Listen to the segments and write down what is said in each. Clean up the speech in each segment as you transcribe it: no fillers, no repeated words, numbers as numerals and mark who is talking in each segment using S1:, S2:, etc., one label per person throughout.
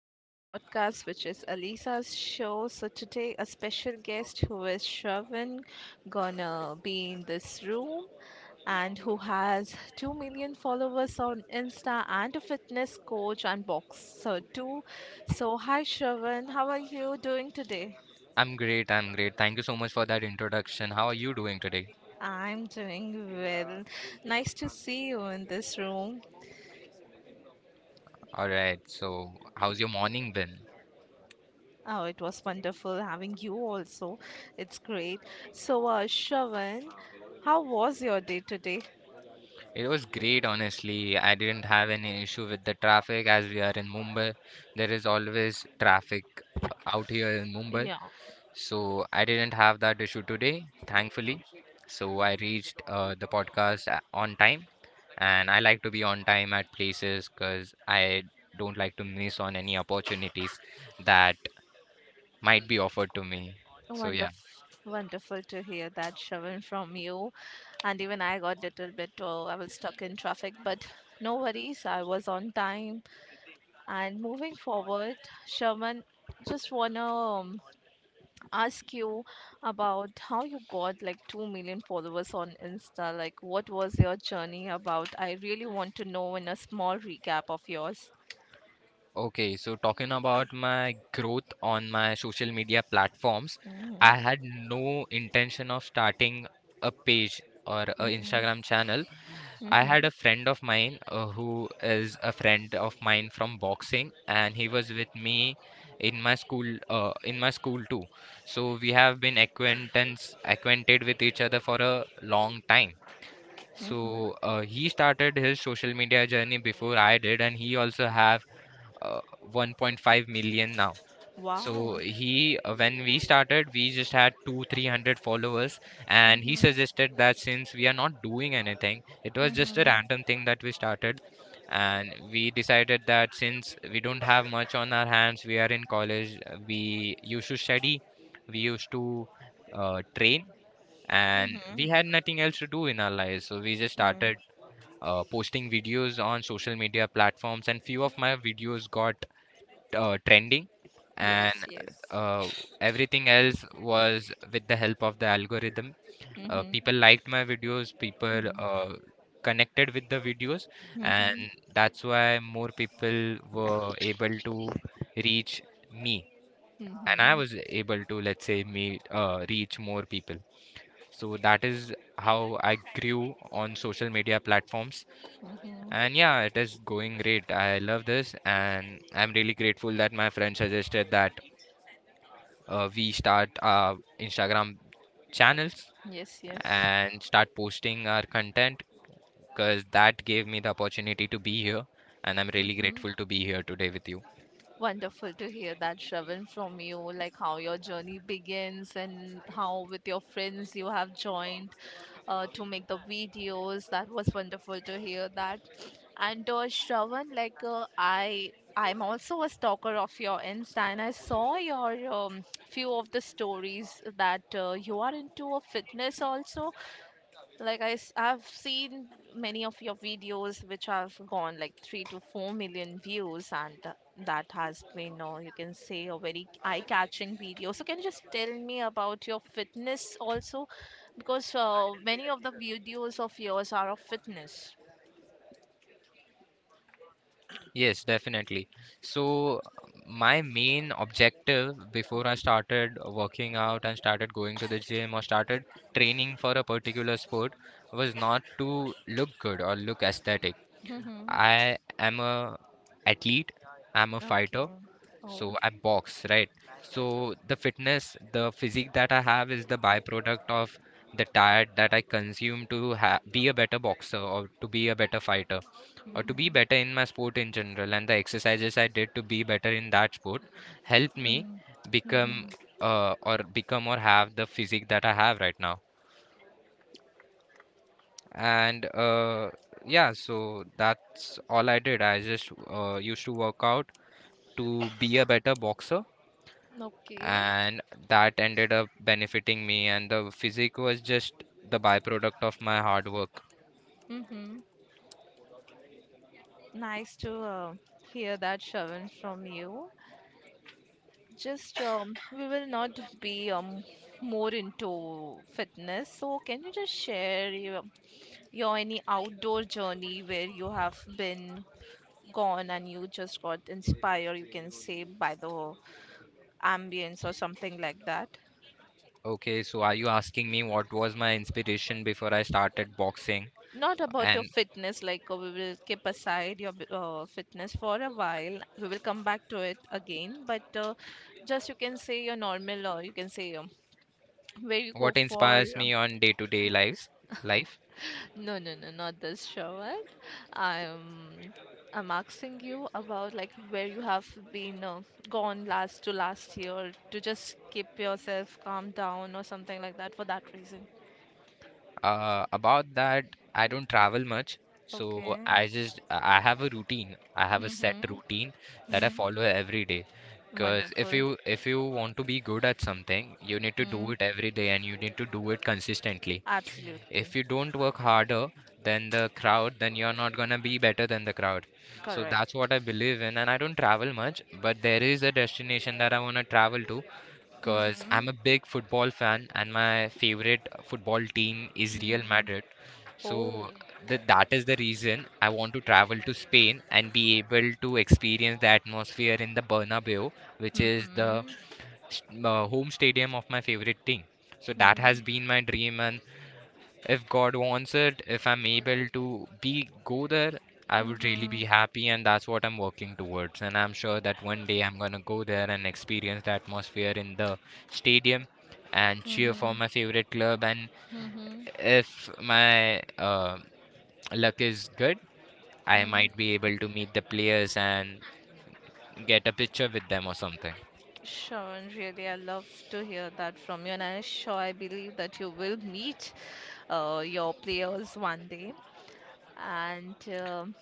S1: to my podcast, which is Alisa's show. So, today, a special guest who is Shravan gonna be in this room and who has 2 million followers on Insta and a fitness coach and boxer too. So, hi Shravan, how are you doing today?
S2: I'm great. I'm great. Thank you so much for that introduction. How are you doing today?
S1: I'm doing well. Nice to see you in this room.
S2: All right. So how's your morning been?
S1: Oh, it was wonderful having you also. It's great. So, Shravan, how was your day today?
S2: It was great, honestly. I didn't have any issue with the traffic, as we are in Mumbai. There is always traffic out here in Mumbai.
S1: Yeah,
S2: So I didn't have that issue today, thankfully. So I reached the podcast on time. And I like to be on time at places because I don't like to miss on any opportunities that might be offered to me. So, yeah.
S1: wonderful, wonderful to hear that, Shravan, from you. And even I got little bit, oh, I was stuck in traffic, but no worries, I was on time. And moving forward, Shravan, just wanna ask you about how you got like 2 million followers on Insta. Like, what was your journey about? I really want to know in a small recap of yours.
S2: Okay, so talking about my growth on my social media platforms,
S1: Mhm,
S2: I had no intention of starting a page or a
S1: mhm,
S2: Instagram channel. I had
S1: mhm,
S2: a friend of mine who is a friend of mine from boxing, and he was with me in my school too. So we have been acquainted with each other for a long time.
S1: mhm.
S2: So he started his social media journey before I did, and he also have uh, 1.5 million now.
S1: Wow.
S2: So he when we started, we just had 2 300 followers, and he
S1: Mhm,
S2: suggested that since we are not doing anything, it was just a
S1: mhm,
S2: random thing that we started. And we decided that since we don't have much on our hands, we are in college, we used to study, we used to train, and we
S1: mhm.
S2: had nothing else to do in our lives. So we just
S1: Mm,
S2: started posting videos on social media platforms, and few of my videos got trending, and
S1: yes, yes.
S2: uh, everything else was with the help of the algorithm.
S1: Mm-hmm.
S2: People liked my videos, people
S1: Mm-hmm.
S2: connected with the videos, and
S1: Mm-hmm.
S2: that's why more people were able to reach me. And I was able to, let's say, reach more people. So that is how I grew on social media platforms.
S1: Mm-hmm.
S2: And yeah, it is going great. I love this, and I'm really grateful that my friend suggested that we start our Instagram channels
S1: Yes, yes.
S2: and start posting our content, because that gave me the opportunity to be here, and I'm really
S1: Mm-hmm.
S2: grateful to be here today with you.
S1: Wonderful to hear that, Shravan, from you, like how your journey begins and how with your friends you have joined to make the videos. That was wonderful to hear that. And Shravan, like I'm also a stalker of your Insta, and I saw your few of the stories that you are into a fitness also. Like I, have seen many of your videos which have gone like 3 to 4 million views, and that has been, or you can say, a very eye-catching video. So can you just tell me about your fitness also? Because many of the videos of yours are of fitness.
S2: Yes, definitely. So my main objective before I started working out and started going to the gym or started training for a particular sport was not to look good or look aesthetic.
S1: Mm-hmm.
S2: I am a athlete, I'm a
S1: Okay.
S2: fighter.
S1: Oh.
S2: So I box, right? So the fitness, the physique that I have is the byproduct of the diet that I consume to ha be a better boxer or to be a better fighter or to
S1: Mm-hmm.
S2: be better in my sport in general. And the exercises I did to be better in that sport helped me
S1: Mm-hmm.
S2: become or become or have the physique that I have right now. And yeah, so that's all I did. I just used to work out to be a better boxer,
S1: Okay.
S2: and that ended up benefiting me, and the physique was just the byproduct of my hard work.
S1: Mm-hmm. Nice to hear that, Shavan, from you. Just we will not be more into fitness. So can you just share your any outdoor journey where you have been gone and you just got inspired, you can say by the ambience or something like that?
S2: Okay, so are you asking me what was my inspiration before I started boxing
S1: Not about your
S2: and
S1: fitness, like we will keep aside your fitness for a while. We will come back to it again, but just you can say your normal, or you can say where you go
S2: what
S1: for
S2: inspires me on day to day lives life?
S1: no, no, no, not this shower. I'm I'm asking you about like where you have been gone last to last year to just keep yourself calm down or something like that for that reason.
S2: Uh, about that, I don't travel much, so
S1: Okay.
S2: I have a routine. I have a set
S1: Mm-hmm.
S2: routine that I
S1: hmm
S2: follow every day, because if
S1: Wonderful.
S2: you want to be good at something, you need to
S1: hmm
S2: do it every day, and you need to do it consistently.
S1: Absolutely.
S2: If you don't work harder than the crowd, then you're not going to be better than the crowd. So that's
S1: Correct.
S2: what I believe in. And I don't travel much, but there is a destination that I want to travel to, because
S1: Mm-hmm.
S2: I'm a big football fan, and my favorite football team is Real
S1: Mm-hmm.
S2: Madrid.
S1: Oh.
S2: So that is the reason I want to travel to Spain and be able to experience the atmosphere in the Bernabeu, which is the
S1: Mm-hmm.
S2: home stadium of my favorite team. So that has
S1: Mm-hmm.
S2: been my dream, and if God wants it, if I'm able to be go there, I would really
S1: Mm-hmm.
S2: be happy, and that's what I'm working towards. And I'm sure that one day I'm gonna go there and experience the atmosphere in the stadium and cheer for my favorite club. And
S1: Mm-hmm.
S2: if my luck is good, I might
S1: Mm-hmm.
S2: be able to meet the players and get a picture with them or something.
S1: Sharon, really, I love to hear that from you, and I'm sure I believe that you will meet your players one day. And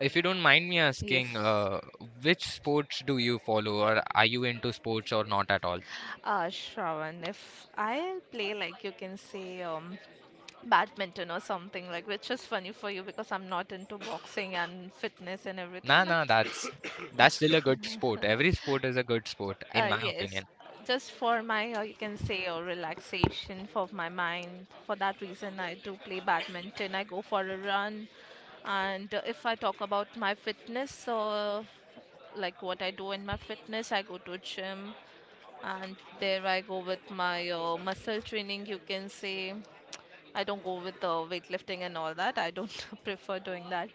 S2: If you don't mind me asking,
S1: yes,
S2: which sports do you follow, or are you into sports or not at all?
S1: Shravan, if I play like you can say badminton or something like, which is funny for you because I'm not into boxing and fitness and everything,
S2: Nah,
S1: but
S2: nah, that's still a good sport. Every sport is a good sport, in my
S1: yes,
S2: opinion.
S1: just for my you can say relaxation for my mind. For that reason, I do play badminton. I go for a run. And if I talk about my fitness, so like what I do in my fitness, I go to gym and there I go with my muscle training, you can say. I don't go with weightlifting and all that. I don't prefer doing that.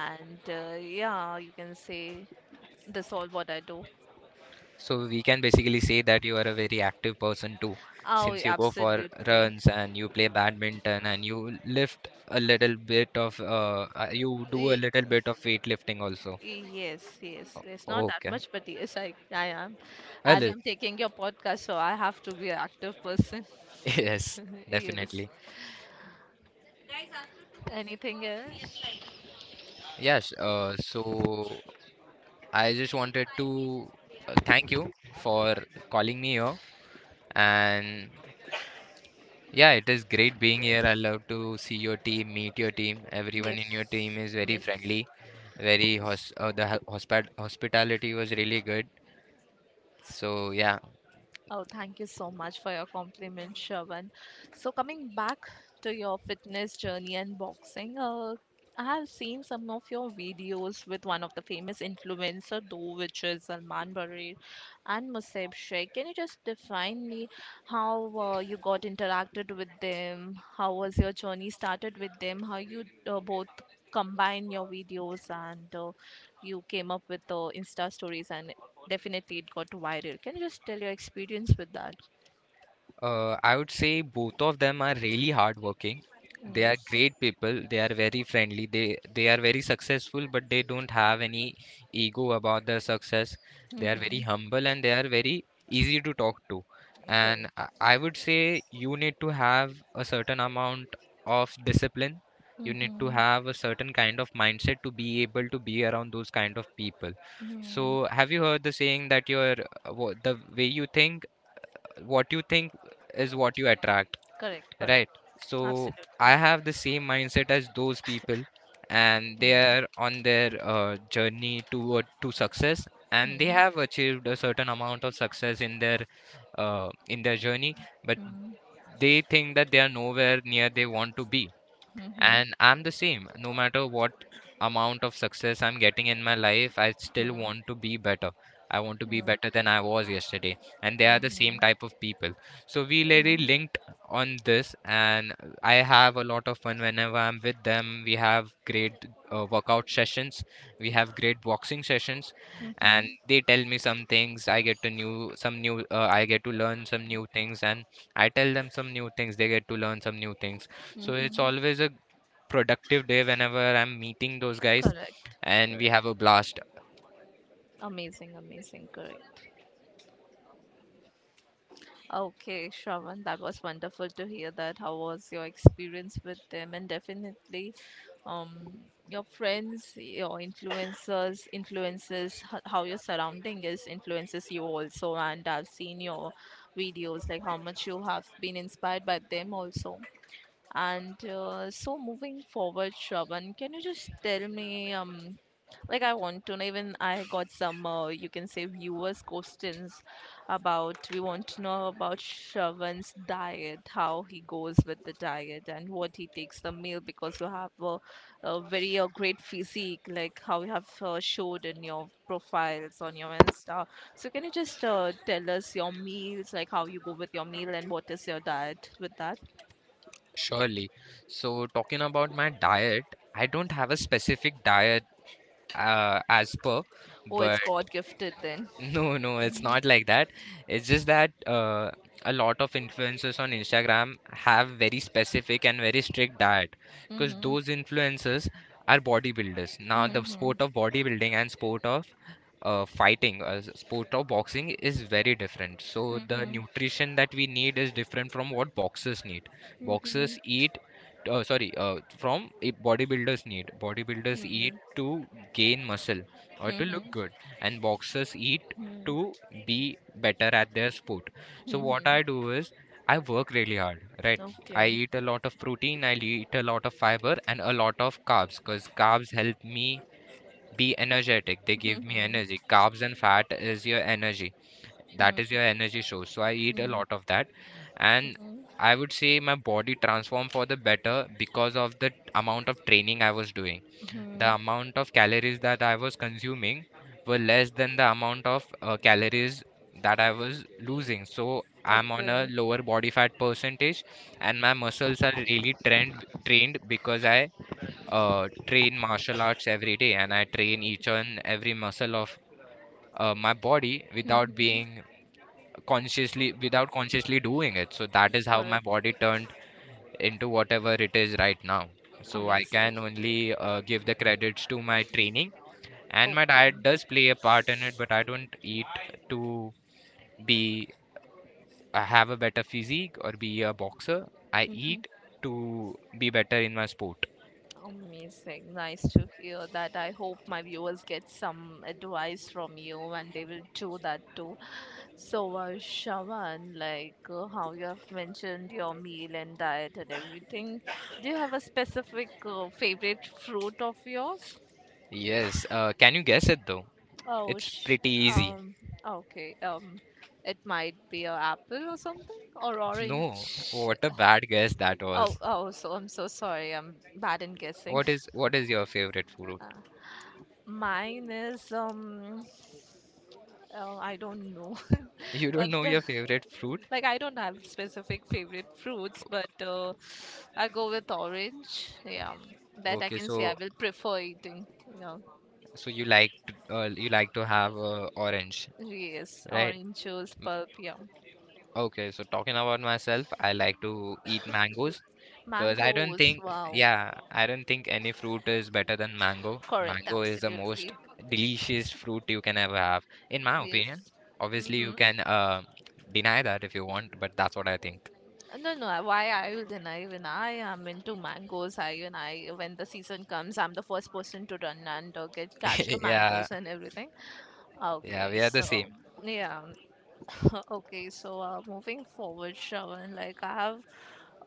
S1: And yeah, you can say this all what I do.
S2: So we can basically say that you are a very active person too,
S1: Oh,
S2: since you go for
S1: absolutely.
S2: runs and you play badminton and you lift a little bit of you do a
S1: Y-
S2: little bit of weightlifting also.
S1: Yes, yes. It's not that
S2: Okay.
S1: much, but yes, I am.
S2: A
S1: As I'm
S2: little.
S1: taking your podcast, so I have to be an active person.
S2: Yes,
S1: Yes.
S2: definitely.
S1: Anything else?
S2: Yes, so I just wanted to thank you for calling me here. And yeah, it is great being here. I love to see your team, meet your team. Everyone
S1: Yes.
S2: in your team is very
S1: Yes.
S2: friendly, very
S1: Yes.
S2: hospitality was really good. So yeah.
S1: Oh, thank you so much for your compliment, Shravan. So, coming back to your fitness journey and boxing, I have seen some of your videos with one of the famous influencer, though, which is Salman Barir and Musab Sheikh. Can you just define me how you got interacted with them? How was your journey started with them? How you both combine your videos and you came up with the Insta stories and definitely, it got viral. Can you just tell your experience with that?
S2: I would say both of them are really hardworking. They are
S1: Yes.
S2: great people. They are very friendly. They are very successful, but they don't have any ego about their success. They are very
S1: Mm-hmm.
S2: humble and they are very easy to talk to. And
S1: Correct.
S2: I would say you need to have a certain amount of discipline. You need to
S1: Mm-hmm.
S2: have a certain kind of mindset to be able to be around those kind of people. So,
S1: Mm-hmm.
S2: have you heard the saying that your the way you think, what you think is what you attract,
S1: Correct,
S2: right?
S1: correct.
S2: So
S1: Absolutely.
S2: I have the same mindset as those people, and they
S1: Mm-hmm.
S2: are on their journey toward to success, and they have achieved a certain amount of success in their journey, but
S1: Mm-hmm.
S2: they think that they are nowhere near they want to be.
S1: Mm-hmm.
S2: And I'm the same. No matter what amount of success I'm getting in my life, I still want to be better. I want to be better than I was yesterday. And they are the same
S1: Mm-hmm.
S2: type of people. So we really linked on this, and I have a lot of fun whenever I'm with them. We have great workout sessions, we have great boxing sessions, and
S1: Mm-hmm.
S2: they tell me some things. I get to new some new. I get to learn some new things, and I tell them some new things. They get to learn some new things. So it's
S1: Mm-hmm.
S2: always a productive day whenever I'm meeting those guys,
S1: Correct,
S2: and we
S1: correct.
S2: have a blast,
S1: Amazing, amazing, correct. Okay, Shravan, that was wonderful to hear that. How was your experience with them? And definitely, um, your friends, your influencers, influences how your surrounding is influences you also. And I've seen your videos, like how much you have been inspired by them also. And so moving forward, Shravan, can you just tell me like I want to know. Even I got some, you can say, viewers' questions about. We want to know about Shravan's diet, how he goes with the diet, and what he takes the meal because you have a very great physique, like how you have showed in your profiles on your Insta. So can you just tell us your meals, like how you go with your meal and what is your diet with that?
S2: surely. So, talking about my diet, I don't have a specific diet as per,
S1: Oh,
S2: but
S1: it's God gifted then.
S2: no, no, it's
S1: Mhm.
S2: not like that. It's just that a lot of influencers on Instagram have very specific and very strict diet, because
S1: Mhm.
S2: those influencers are bodybuilders. Now, the
S1: Mhm.
S2: sport of bodybuilding and sport of fighting, sport of boxing is very different. So the
S1: Mhm.
S2: nutrition that we need is different from what boxers need.
S1: Mhm.
S2: Boxers eat, sorry, from eh, bodybuilders need. Bodybuilders eat
S1: Mhm.
S2: to gain muscle or to look
S1: Mhm.
S2: good, and boxers eat
S1: Mhm.
S2: to be better at their sport. So what
S1: Mhm.
S2: I do is I work really hard, right? I
S1: Okay.
S2: eat a lot of protein, I eat a lot of fiber and a lot of carbs, because carbs help me be energetic. They give me
S1: Mhm.
S2: energy. Carbs and fat is your energy. That is
S1: Mhm.
S2: your energy source. So I eat a
S1: Mhm.
S2: lot of that, and
S1: Mhm.
S2: I would say my body transformed for the better because of the amount of training I was doing. The
S1: Mhm.
S2: amount of calories that I was consuming were less than the amount of calories that I was losing. So I'm on
S1: Okay.
S2: a lower body fat percentage, and my muscles are really trained, because I train martial arts every day, and I train each and every muscle of my body
S1: Mhm.
S2: without consciously doing it. So that is how my
S1: Correct.
S2: body turned into whatever it is right now. So I
S1: Amazing.
S2: can only give the credits to my training, and my
S1: Okay.
S2: diet does play a part in it, but I don't eat to be have a better physique or be a boxer. I
S1: Mhm.
S2: eat to be better in my sport.
S1: Amazing. Nice to hear that. I hope my viewers get some advice from you and they will do that too. So, Shavan, like how you have mentioned your meal and diet and everything, do you have a specific favorite fruit of yours?
S2: Yes. Can you guess it, though?
S1: Oh,
S2: It's pretty easy.
S1: um, okay. It might be an apple or something or
S2: No,
S1: orange.
S2: what a bad guess that
S1: Oh,
S2: was.
S1: oh, so I'm so sorry. I'm bad in guessing.
S2: What is, what is your favorite fruit?
S1: Uh, mine is oh, I don't know,
S2: You
S1: but
S2: don't know your favorite fruit?
S1: like I don't have specific favorite fruits, but I go with orange. Yeah, that I
S2: Okay,
S1: can say
S2: so
S1: I will prefer eating. Yeah,
S2: so you like to have orange,
S1: yes,
S2: right?
S1: orange juice pulp. Yeah,
S2: Okay, so talking about myself, I like to eat mangoes. Because I don't
S1: mangoes.
S2: think,
S1: Wow,
S2: yeah, I don't think any fruit is better than mango.
S1: correct,
S2: Mango is the most
S1: absolutely.
S2: delicious fruit you can ever have, in my opinion.
S1: Yes.
S2: Obviously, you
S1: Mm-hmm.
S2: can deny that if you want, but that's what I think.
S1: No, no. Why I will deny when I am into mangoes. I when the season comes, I'm the first person to run and get catch the
S2: Yeah,
S1: mangoes and everything.
S2: yeah,
S1: Okay,
S2: we are the same.
S1: so yeah. Okay, so moving forward, Shravan, like I have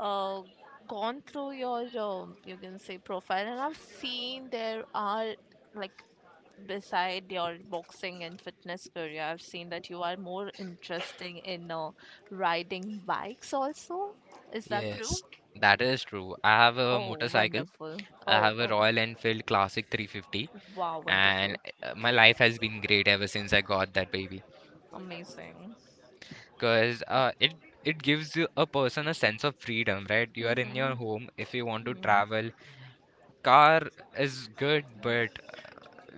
S1: uh, gone through your you can say profile, and I've seen there are like beside your boxing and fitness career, I've seen that you are more interested in riding bikes also. Is that true?
S2: Yes, that is true. I have a
S1: Oh,
S2: motorcycle.
S1: wonderful.
S2: I
S1: Oh,
S2: have a
S1: oh,
S2: Royal Enfield Classic 350,
S1: wow,
S2: and
S1: wonderful.
S2: my life has been great ever since I got that baby.
S1: Amazing.
S2: Because it gives you a person a sense of freedom, right? You are in
S1: Mm-hmm.
S2: your home if you want to
S1: Mm-hmm.
S2: travel. Car is good, but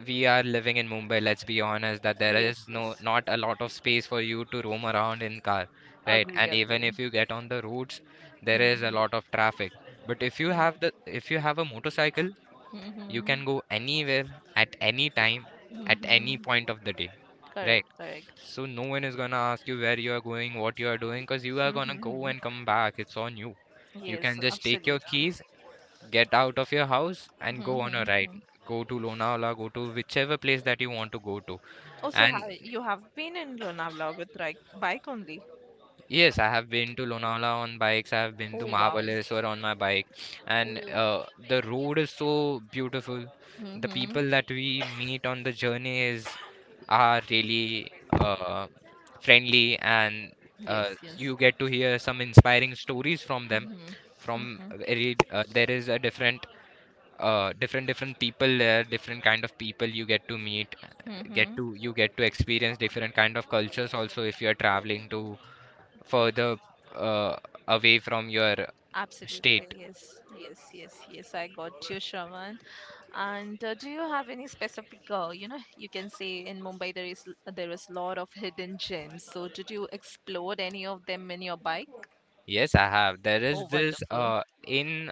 S2: we are living in Mumbai. Let's be honest that there
S1: Yes,
S2: is no
S1: yes.
S2: not a lot of space for you to roam around in car, right?
S1: Agree,
S2: And even
S1: agree.
S2: if you get on the roads, there is a
S1: Mm-hmm.
S2: lot of traffic. But if you have a motorcycle, you
S1: Mm-hmm.
S2: can go anywhere at any time, at any
S1: Mm-hmm.
S2: point of the day, right?
S1: Correct, correct.
S2: So no one is gonna ask you where you are going, what you are doing, because you are
S1: Mm-hmm.
S2: gonna go
S1: Mm-hmm.
S2: and come back. It's on you. You
S1: Yes,
S2: can just take your
S1: absolutely.
S2: keys, get out of your house, and go on a ride.
S1: Mm-hmm.
S2: Go to Lonavala, go to whichever place that you want to go to.
S1: Oh, so
S2: And
S1: how you have been in Lonavala with like bike only?
S2: yes, I have been to Lonavala on bikes. I have been to
S1: Oh, wow.
S2: Mahabaleshwar on my bike, and the road is so beautiful. The
S1: Mm-hmm.
S2: people that we meet on the journey is are really uh, friendly, and uh,
S1: Yes, yes.
S2: you get to hear some inspiring stories from them.
S1: Mm-hmm. Mm-hmm.
S2: There is a different people there, different kind of people you get to meet, get
S1: Mm-hmm.
S2: to you get to experience different kind of cultures also if you are traveling to further uh, away from your
S1: Absolutely.
S2: state.
S1: Yes, yes, yes, yes. I got you, Shravan. And do you have any specific, you can say in Mumbai there is lot of hidden gems. So did you explore any of them in your bike?
S2: Yes, I have. There is
S1: Oh,
S2: this
S1: wonderful.
S2: in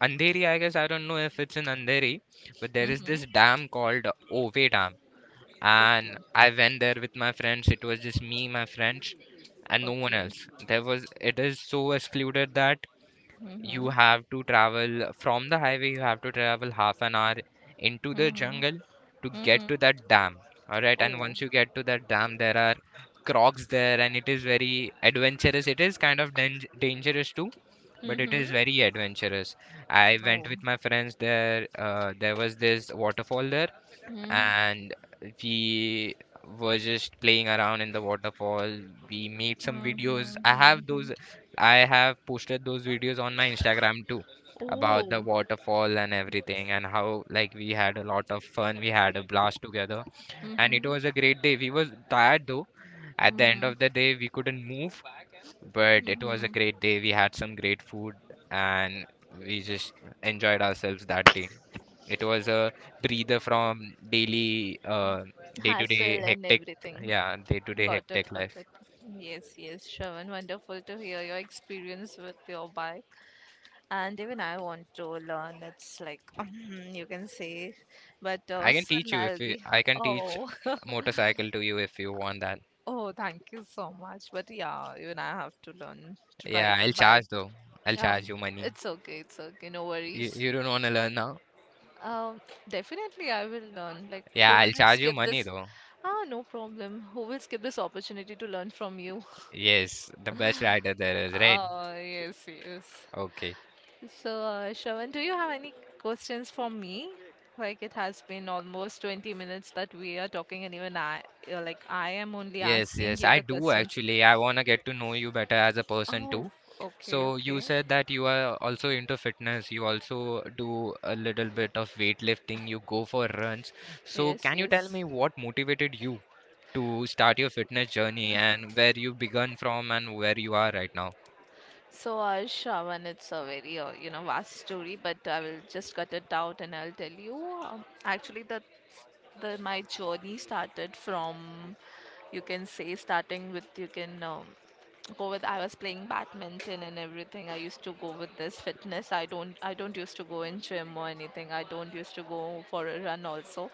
S2: Andheri, I guess. I don't know if it's in Andheri, but there is this
S1: Mm-hmm.
S2: dam called Ove Dam. And
S1: Okay.
S2: I went there with my friends. It was just me, my friends, and no one
S1: Okay.
S2: else. There was it is so excluded that you
S1: Mm-hmm.
S2: have to travel from the highway. You have to travel half an hour into the
S1: Mm-hmm.
S2: jungle to get
S1: Mm-hmm.
S2: to that dam, all right? And
S1: Oh.
S2: once you get to that dam, there are crocs there, and it is very adventurous. It is kind of dangerous too, but it is
S1: Mm-hmm.
S2: very adventurous. I went
S1: No.
S2: with my friends there. There was this waterfall there,
S1: Mm-hmm.
S2: and we were just playing around in the waterfall. We made some videos.
S1: Mm-hmm.
S2: I have those,
S1: Mm-hmm.
S2: I have posted those videos on my Instagram too, about the
S1: Oh.
S2: waterfall and everything, and how like we had a lot of fun. We had a blast together, and it
S1: Mm-hmm.
S2: was a great day. We was tired though at the end
S1: Mm-hmm.
S2: of the day. We couldn't move, but it was a
S1: Mm-hmm.
S2: great day. We had some great food, and we just enjoyed ourselves that day. It was a breather from day-to-day
S1: Hassle and
S2: hectic,
S1: everything.
S2: yeah, day-to-day
S1: Got it,
S2: hectic
S1: got
S2: life.
S1: it. Yes, yes, Shravan. Wonderful to hear your experience with your bike. And even I want to learn. It's like, you can say, but soon I'll be,
S2: I can teach
S1: oh,
S2: motorcycle to you if you want that.
S1: oh, thank you so much. But yeah, even I have to learn to ride
S2: Yeah,
S1: a
S2: I'll
S1: bike.
S2: charge though. I'll charge
S1: Um,
S2: you money.
S1: it's okay, no
S2: You,
S1: worries.
S2: you don't want to learn now?
S1: Um, definitely I will learn. Like,
S2: Yeah,
S1: who
S2: I'll
S1: will
S2: charge you
S1: skip
S2: money
S1: this?
S2: though.
S1: Ah, no problem. Who will skip this opportunity to learn from you?
S2: Yes, the best rider there is, right?
S1: Oh, yes, yes.
S2: Okay.
S1: So, Shravan, do you have any questions for me? Like, it has been almost 20 minutes that we are talking, and even I am only
S2: Yes,
S1: asking
S2: yes,
S1: you
S2: I
S1: the
S2: do
S1: questions.
S2: actually. I want to get to know you better as a person
S1: Oh,
S2: too.
S1: okay,
S2: So you
S1: okay.
S2: said that you are also into fitness. You also do a little bit of weightlifting. You go for runs. So
S1: Yes,
S2: can you tell
S1: yes.
S2: me what motivated you to start your fitness journey and where you begun from and where you are right now?
S1: So, Shravan, it's a very, vast story, but I will just cut it out and I'll tell you. Actually, the my journey started from you can say starting with you can go with I was playing badminton and everything. I used to go with this fitness. I don't used to go in gym or anything. I don't used to go for a run also.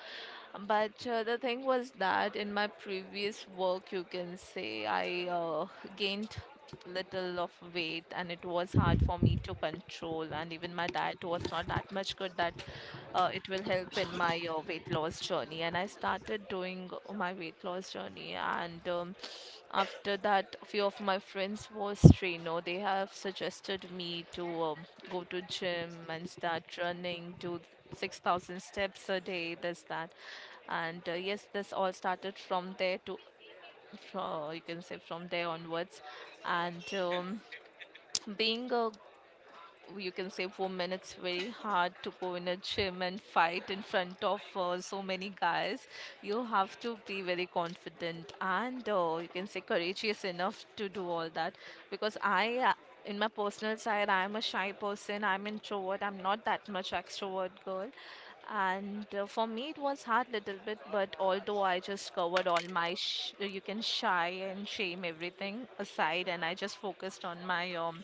S1: But the thing was that in my previous work, you can say I gained little of weight and it was hard for me to control and even my diet was not that much good that it will help in my weight loss journey and I started doing my weight loss journey and after that, few of my friends was trainer. They have suggested me to go to gym and start running, do 6,000 steps a day, this, that. And yes, this all started from there you can say from there onwards. And Being a you can say women, it's very hard to go in a gym and fight in front of so many guys. You have to be very confident and you can say courageous enough to do all that because I in my personal side, I'm a shy person, I'm introvert, I'm not that much extrovert girl, and for me it was hard little bit, but although I just covered all my sh- you can shy and shame everything aside and I just focused on my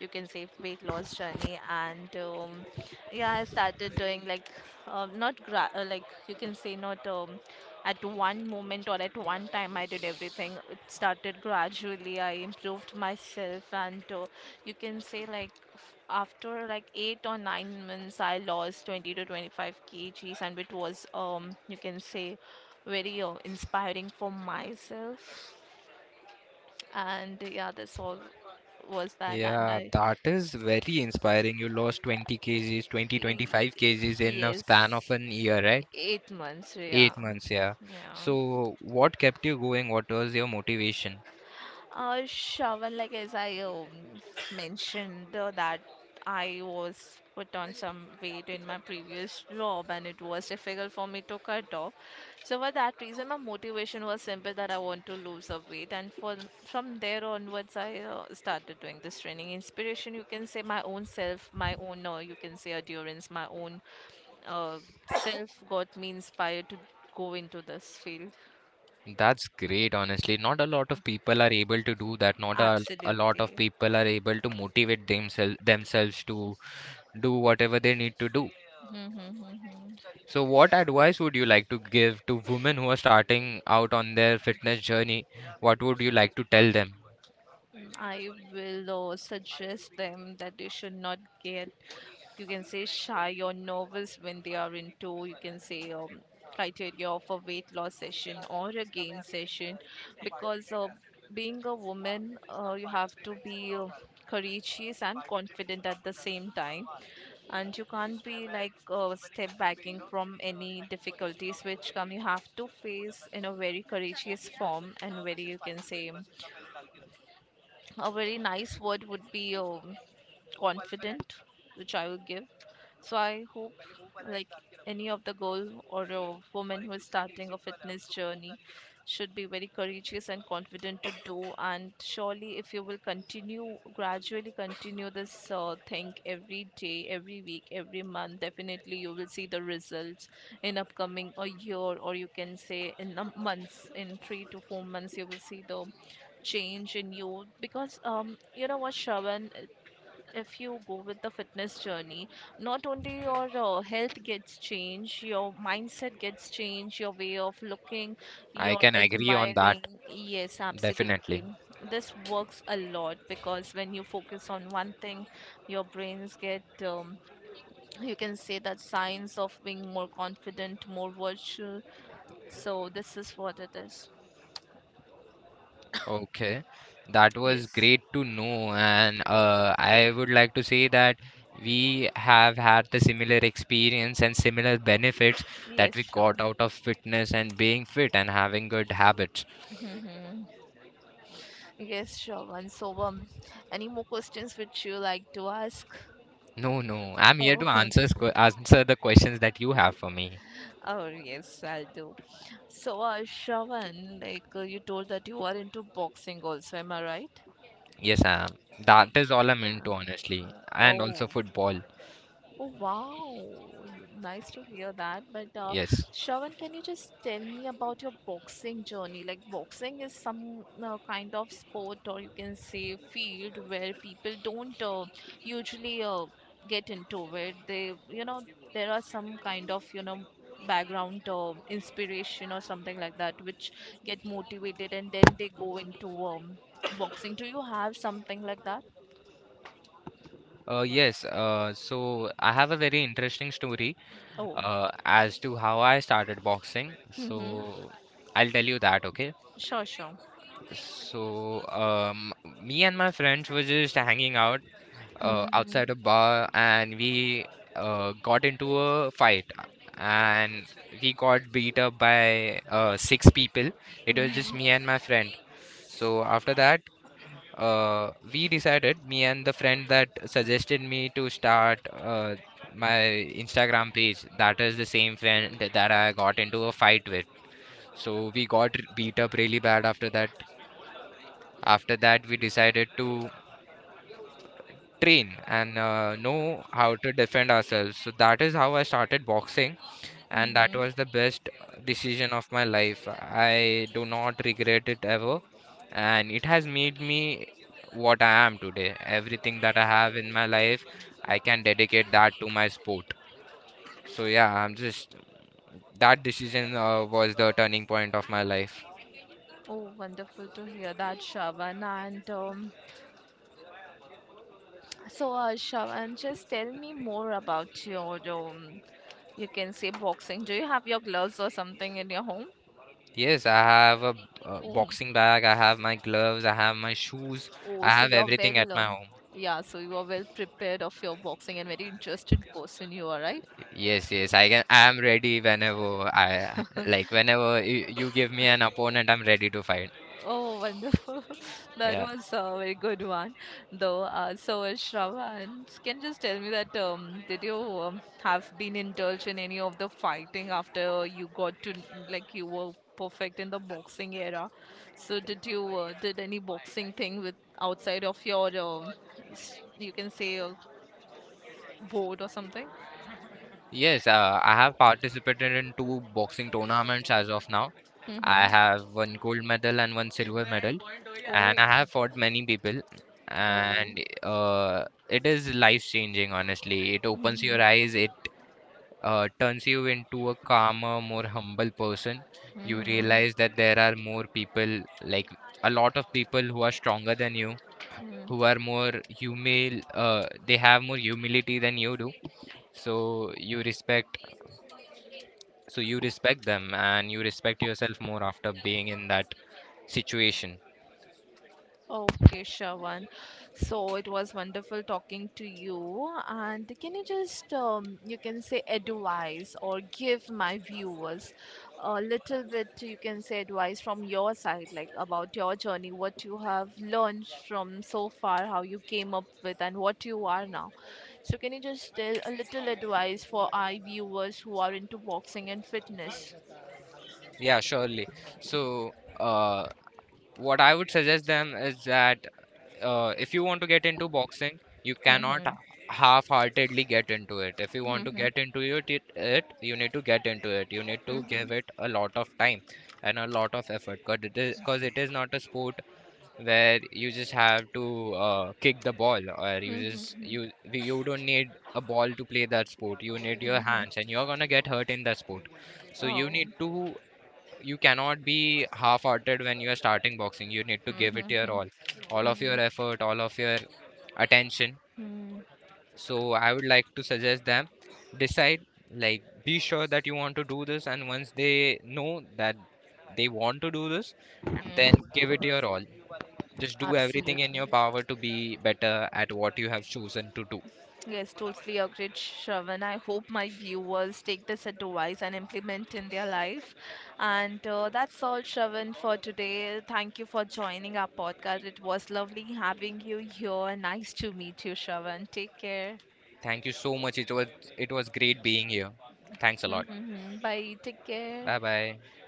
S1: you can say weight loss journey. And Yeah, I started doing like not gra- like you can say not at one moment or at one time. I did everything, it started gradually, I improved myself. And you can say like after like eight or nine months, I lost 20 to 25 kgs, and it was, very inspiring for myself. And yeah, that's all was that. And
S2: Yeah, that is very inspiring. You lost 20 kgs, 20 twenty
S1: y-
S2: five kgs in a span of
S1: yes,
S2: an year, right?
S1: eight months, yeah.
S2: 8 months, yeah.
S1: Yeah.
S2: So, what kept you going? What was your motivation?
S1: Shravan, like as I mentioned, that I was put on some weight in my previous job and it was difficult for me to cut off. So for that reason, my motivation was simple, that I want to lose a weight. And from there onwards, I started doing this training. Inspiration, you can say, my own self, my own, endurance, my own uh, self got me inspired to go into this field.
S2: That's great, honestly. Not a lot of people are able to do that. Not a lot of
S1: Absolutely.
S2: people are able to motivate themselves to do whatever they need to do. So, what advice would you like to give to women who are starting out on their fitness journey? What would you like to tell them?
S1: I will suggest them that they should not get, you can say, shy or nervous when they are into, you can say, criteria of a weight loss session or a gain session, because being a woman, you have to be courageous and confident at the same time, and you can't be like step backing from any difficulties which come. You have to face in a very courageous form and very, you can say, a very nice word would be confident, which I will give. So I hope like any of the girl or a woman who is starting a fitness journey should be very courageous and confident to do. And surely, if you will continue gradually, continue this thing every day, every week, every month, definitely you will see the results in upcoming a year, or you can say in a months, in three to four months you will see the change in you. Because you know what, Shravan, if you go with the fitness journey, not only your health gets changed, your mindset gets changed, your way of looking,
S2: I
S1: your
S2: can agree on that,
S1: admiring. Yes,
S2: definitely.
S1: absolutely. This works a lot, because when you focus on one thing, your brains get, you can say that signs of being more confident, more virtual. So this is what it is.
S2: Okay, that was
S1: Yes.
S2: great to know, and I would like to say that we have had the similar experience and similar benefits that
S1: Yes,
S2: we
S1: sure.
S2: got out of fitness and being fit and having good habits.
S1: Yes, sure, one. So, any more questions would you like to ask?
S2: No, no, I'm here
S1: Oh,
S2: to answer the questions that you have for me.
S1: oh yes, I'll do. So, Shravan, like you told that you are into boxing also, am I right?
S2: Yes, I am. That is
S1: Y-
S2: all I'm into,
S1: uh,
S2: honestly,
S1: uh,
S2: and
S1: oh,
S2: also football.
S1: Oh wow, nice to hear that. But
S2: Yes.
S1: Shravan, can you just tell me about your boxing journey? Like, boxing is some kind of sport, or you can say field, where people don't usually get into it. They, you know, there are some kind of, you know, background inspiration or something like that, which get motivated and then they go into boxing. Do you have something like that?
S2: Yes. So I have a very interesting story,
S1: Oh,
S2: as to how I started boxing.
S1: mm-hmm.
S2: So I'll tell you that, okay?
S1: Sure, sure.
S2: So me and my friends were just hanging out
S1: Mhm.
S2: outside a bar, and we got into a fight, and we got beat up by six people. It was just
S1: Mhm,
S2: me and my friend. So after that, we decided, me and the friend that suggested me to start my Instagram page, that is the same friend that I got into a fight with. So we got beat up really bad after that. After that, we decided to train and know how to defend ourselves. So that is how I started boxing, and that
S1: mhm.
S2: was the best decision of my life. I do not regret it ever, and it has made me what I am today. Everything that I have in my life, I can dedicate that to my sport. So yeah, I'm just that decision was the turning point of my life.
S1: Oh, wonderful to hear that, Shravan. And Shravan, just tell me more about your, you can say boxing. Do you have your gloves or something in your home?
S2: Yes, I have a
S1: Oh,
S2: boxing bag, I have my gloves, I have my shoes,
S1: oh,
S2: I
S1: so
S2: have
S1: you're
S2: everything at
S1: well,
S2: my home.
S1: yeah, so you are well prepared of your boxing and very interested person you are, right?
S2: Yes, yes, I can. I am ready whenever I like. Whenever you give me an opponent, I'm ready to fight.
S1: Oh, wonderful. That
S2: Yeah.
S1: was a very good one, though. Shravan, can you just tell me that did you have been indulged in any of the fighting after you got to like you were perfect in the boxing era? So, did you did any boxing thing with outside of your s you can say a board or something?
S2: Yes, I have participated in two boxing tournaments as of now.
S1: Mm-hmm.
S2: I have one gold medal and one silver medal, and I have fought many people,
S1: Oh, oh.
S2: and uh, it is life changing, honestly. It opens
S1: Mm-hmm.
S2: your eyes, it turns you into a calmer, more humble person. You
S1: Mm-hmm.
S2: realize that there are more people, like a lot of people who are stronger than you, who
S1: Mm-hmm.
S2: are more humil, they have more humility than you do. So you respect, them, and you respect yourself more after being in that situation.
S1: Okay, Shravan. So it was wonderful talking to you. And can you just, advise or give my viewers a little bit, you can say, advice from your side, like about your journey, what you have learned from so far, how you came up with, and what you are now. So can you just tell a little advice for our viewers who are into boxing and fitness?
S2: Yeah, surely. So, uh, what I would suggest them is that if you want to get into boxing, you cannot
S1: Mm-hmm.
S2: half-heartedly get into it. If you want to
S1: Mm-hmm.
S2: get into it, you need to get into it. You need to give
S1: Mm-hmm.
S2: it a lot of time and a lot of effort, because it is not a sport where you just have to kick the ball, or you just
S1: Mm-hmm.
S2: you you don't need a ball to play that sport. You need your
S1: Mm-hmm.
S2: hands, and you're gonna get hurt in that sport. So you
S1: Oh.
S2: need to you cannot be half-hearted when you are starting boxing. You need to give it your all
S1: Mhm,
S2: all of your effort, all of your attention.
S1: mhm,
S2: So I would like to suggest them, decide, like, be sure that you want to do this, and once they know that they want to do this, then give it your all. Just do everything in your
S1: absolutely.
S2: power to be better at what you have chosen to do.
S1: Yes, totally agreed, Shravan. I hope my viewers take this advice and implement in their life. And that's all, Shravan, for today. Thank you for joining our podcast. It was lovely having you here. Nice to meet you, Shravan. Take care.
S2: Thank you so much. It was great being here. Thanks a lot.
S1: Bye. Take
S2: Bye
S1: care.
S2: bye.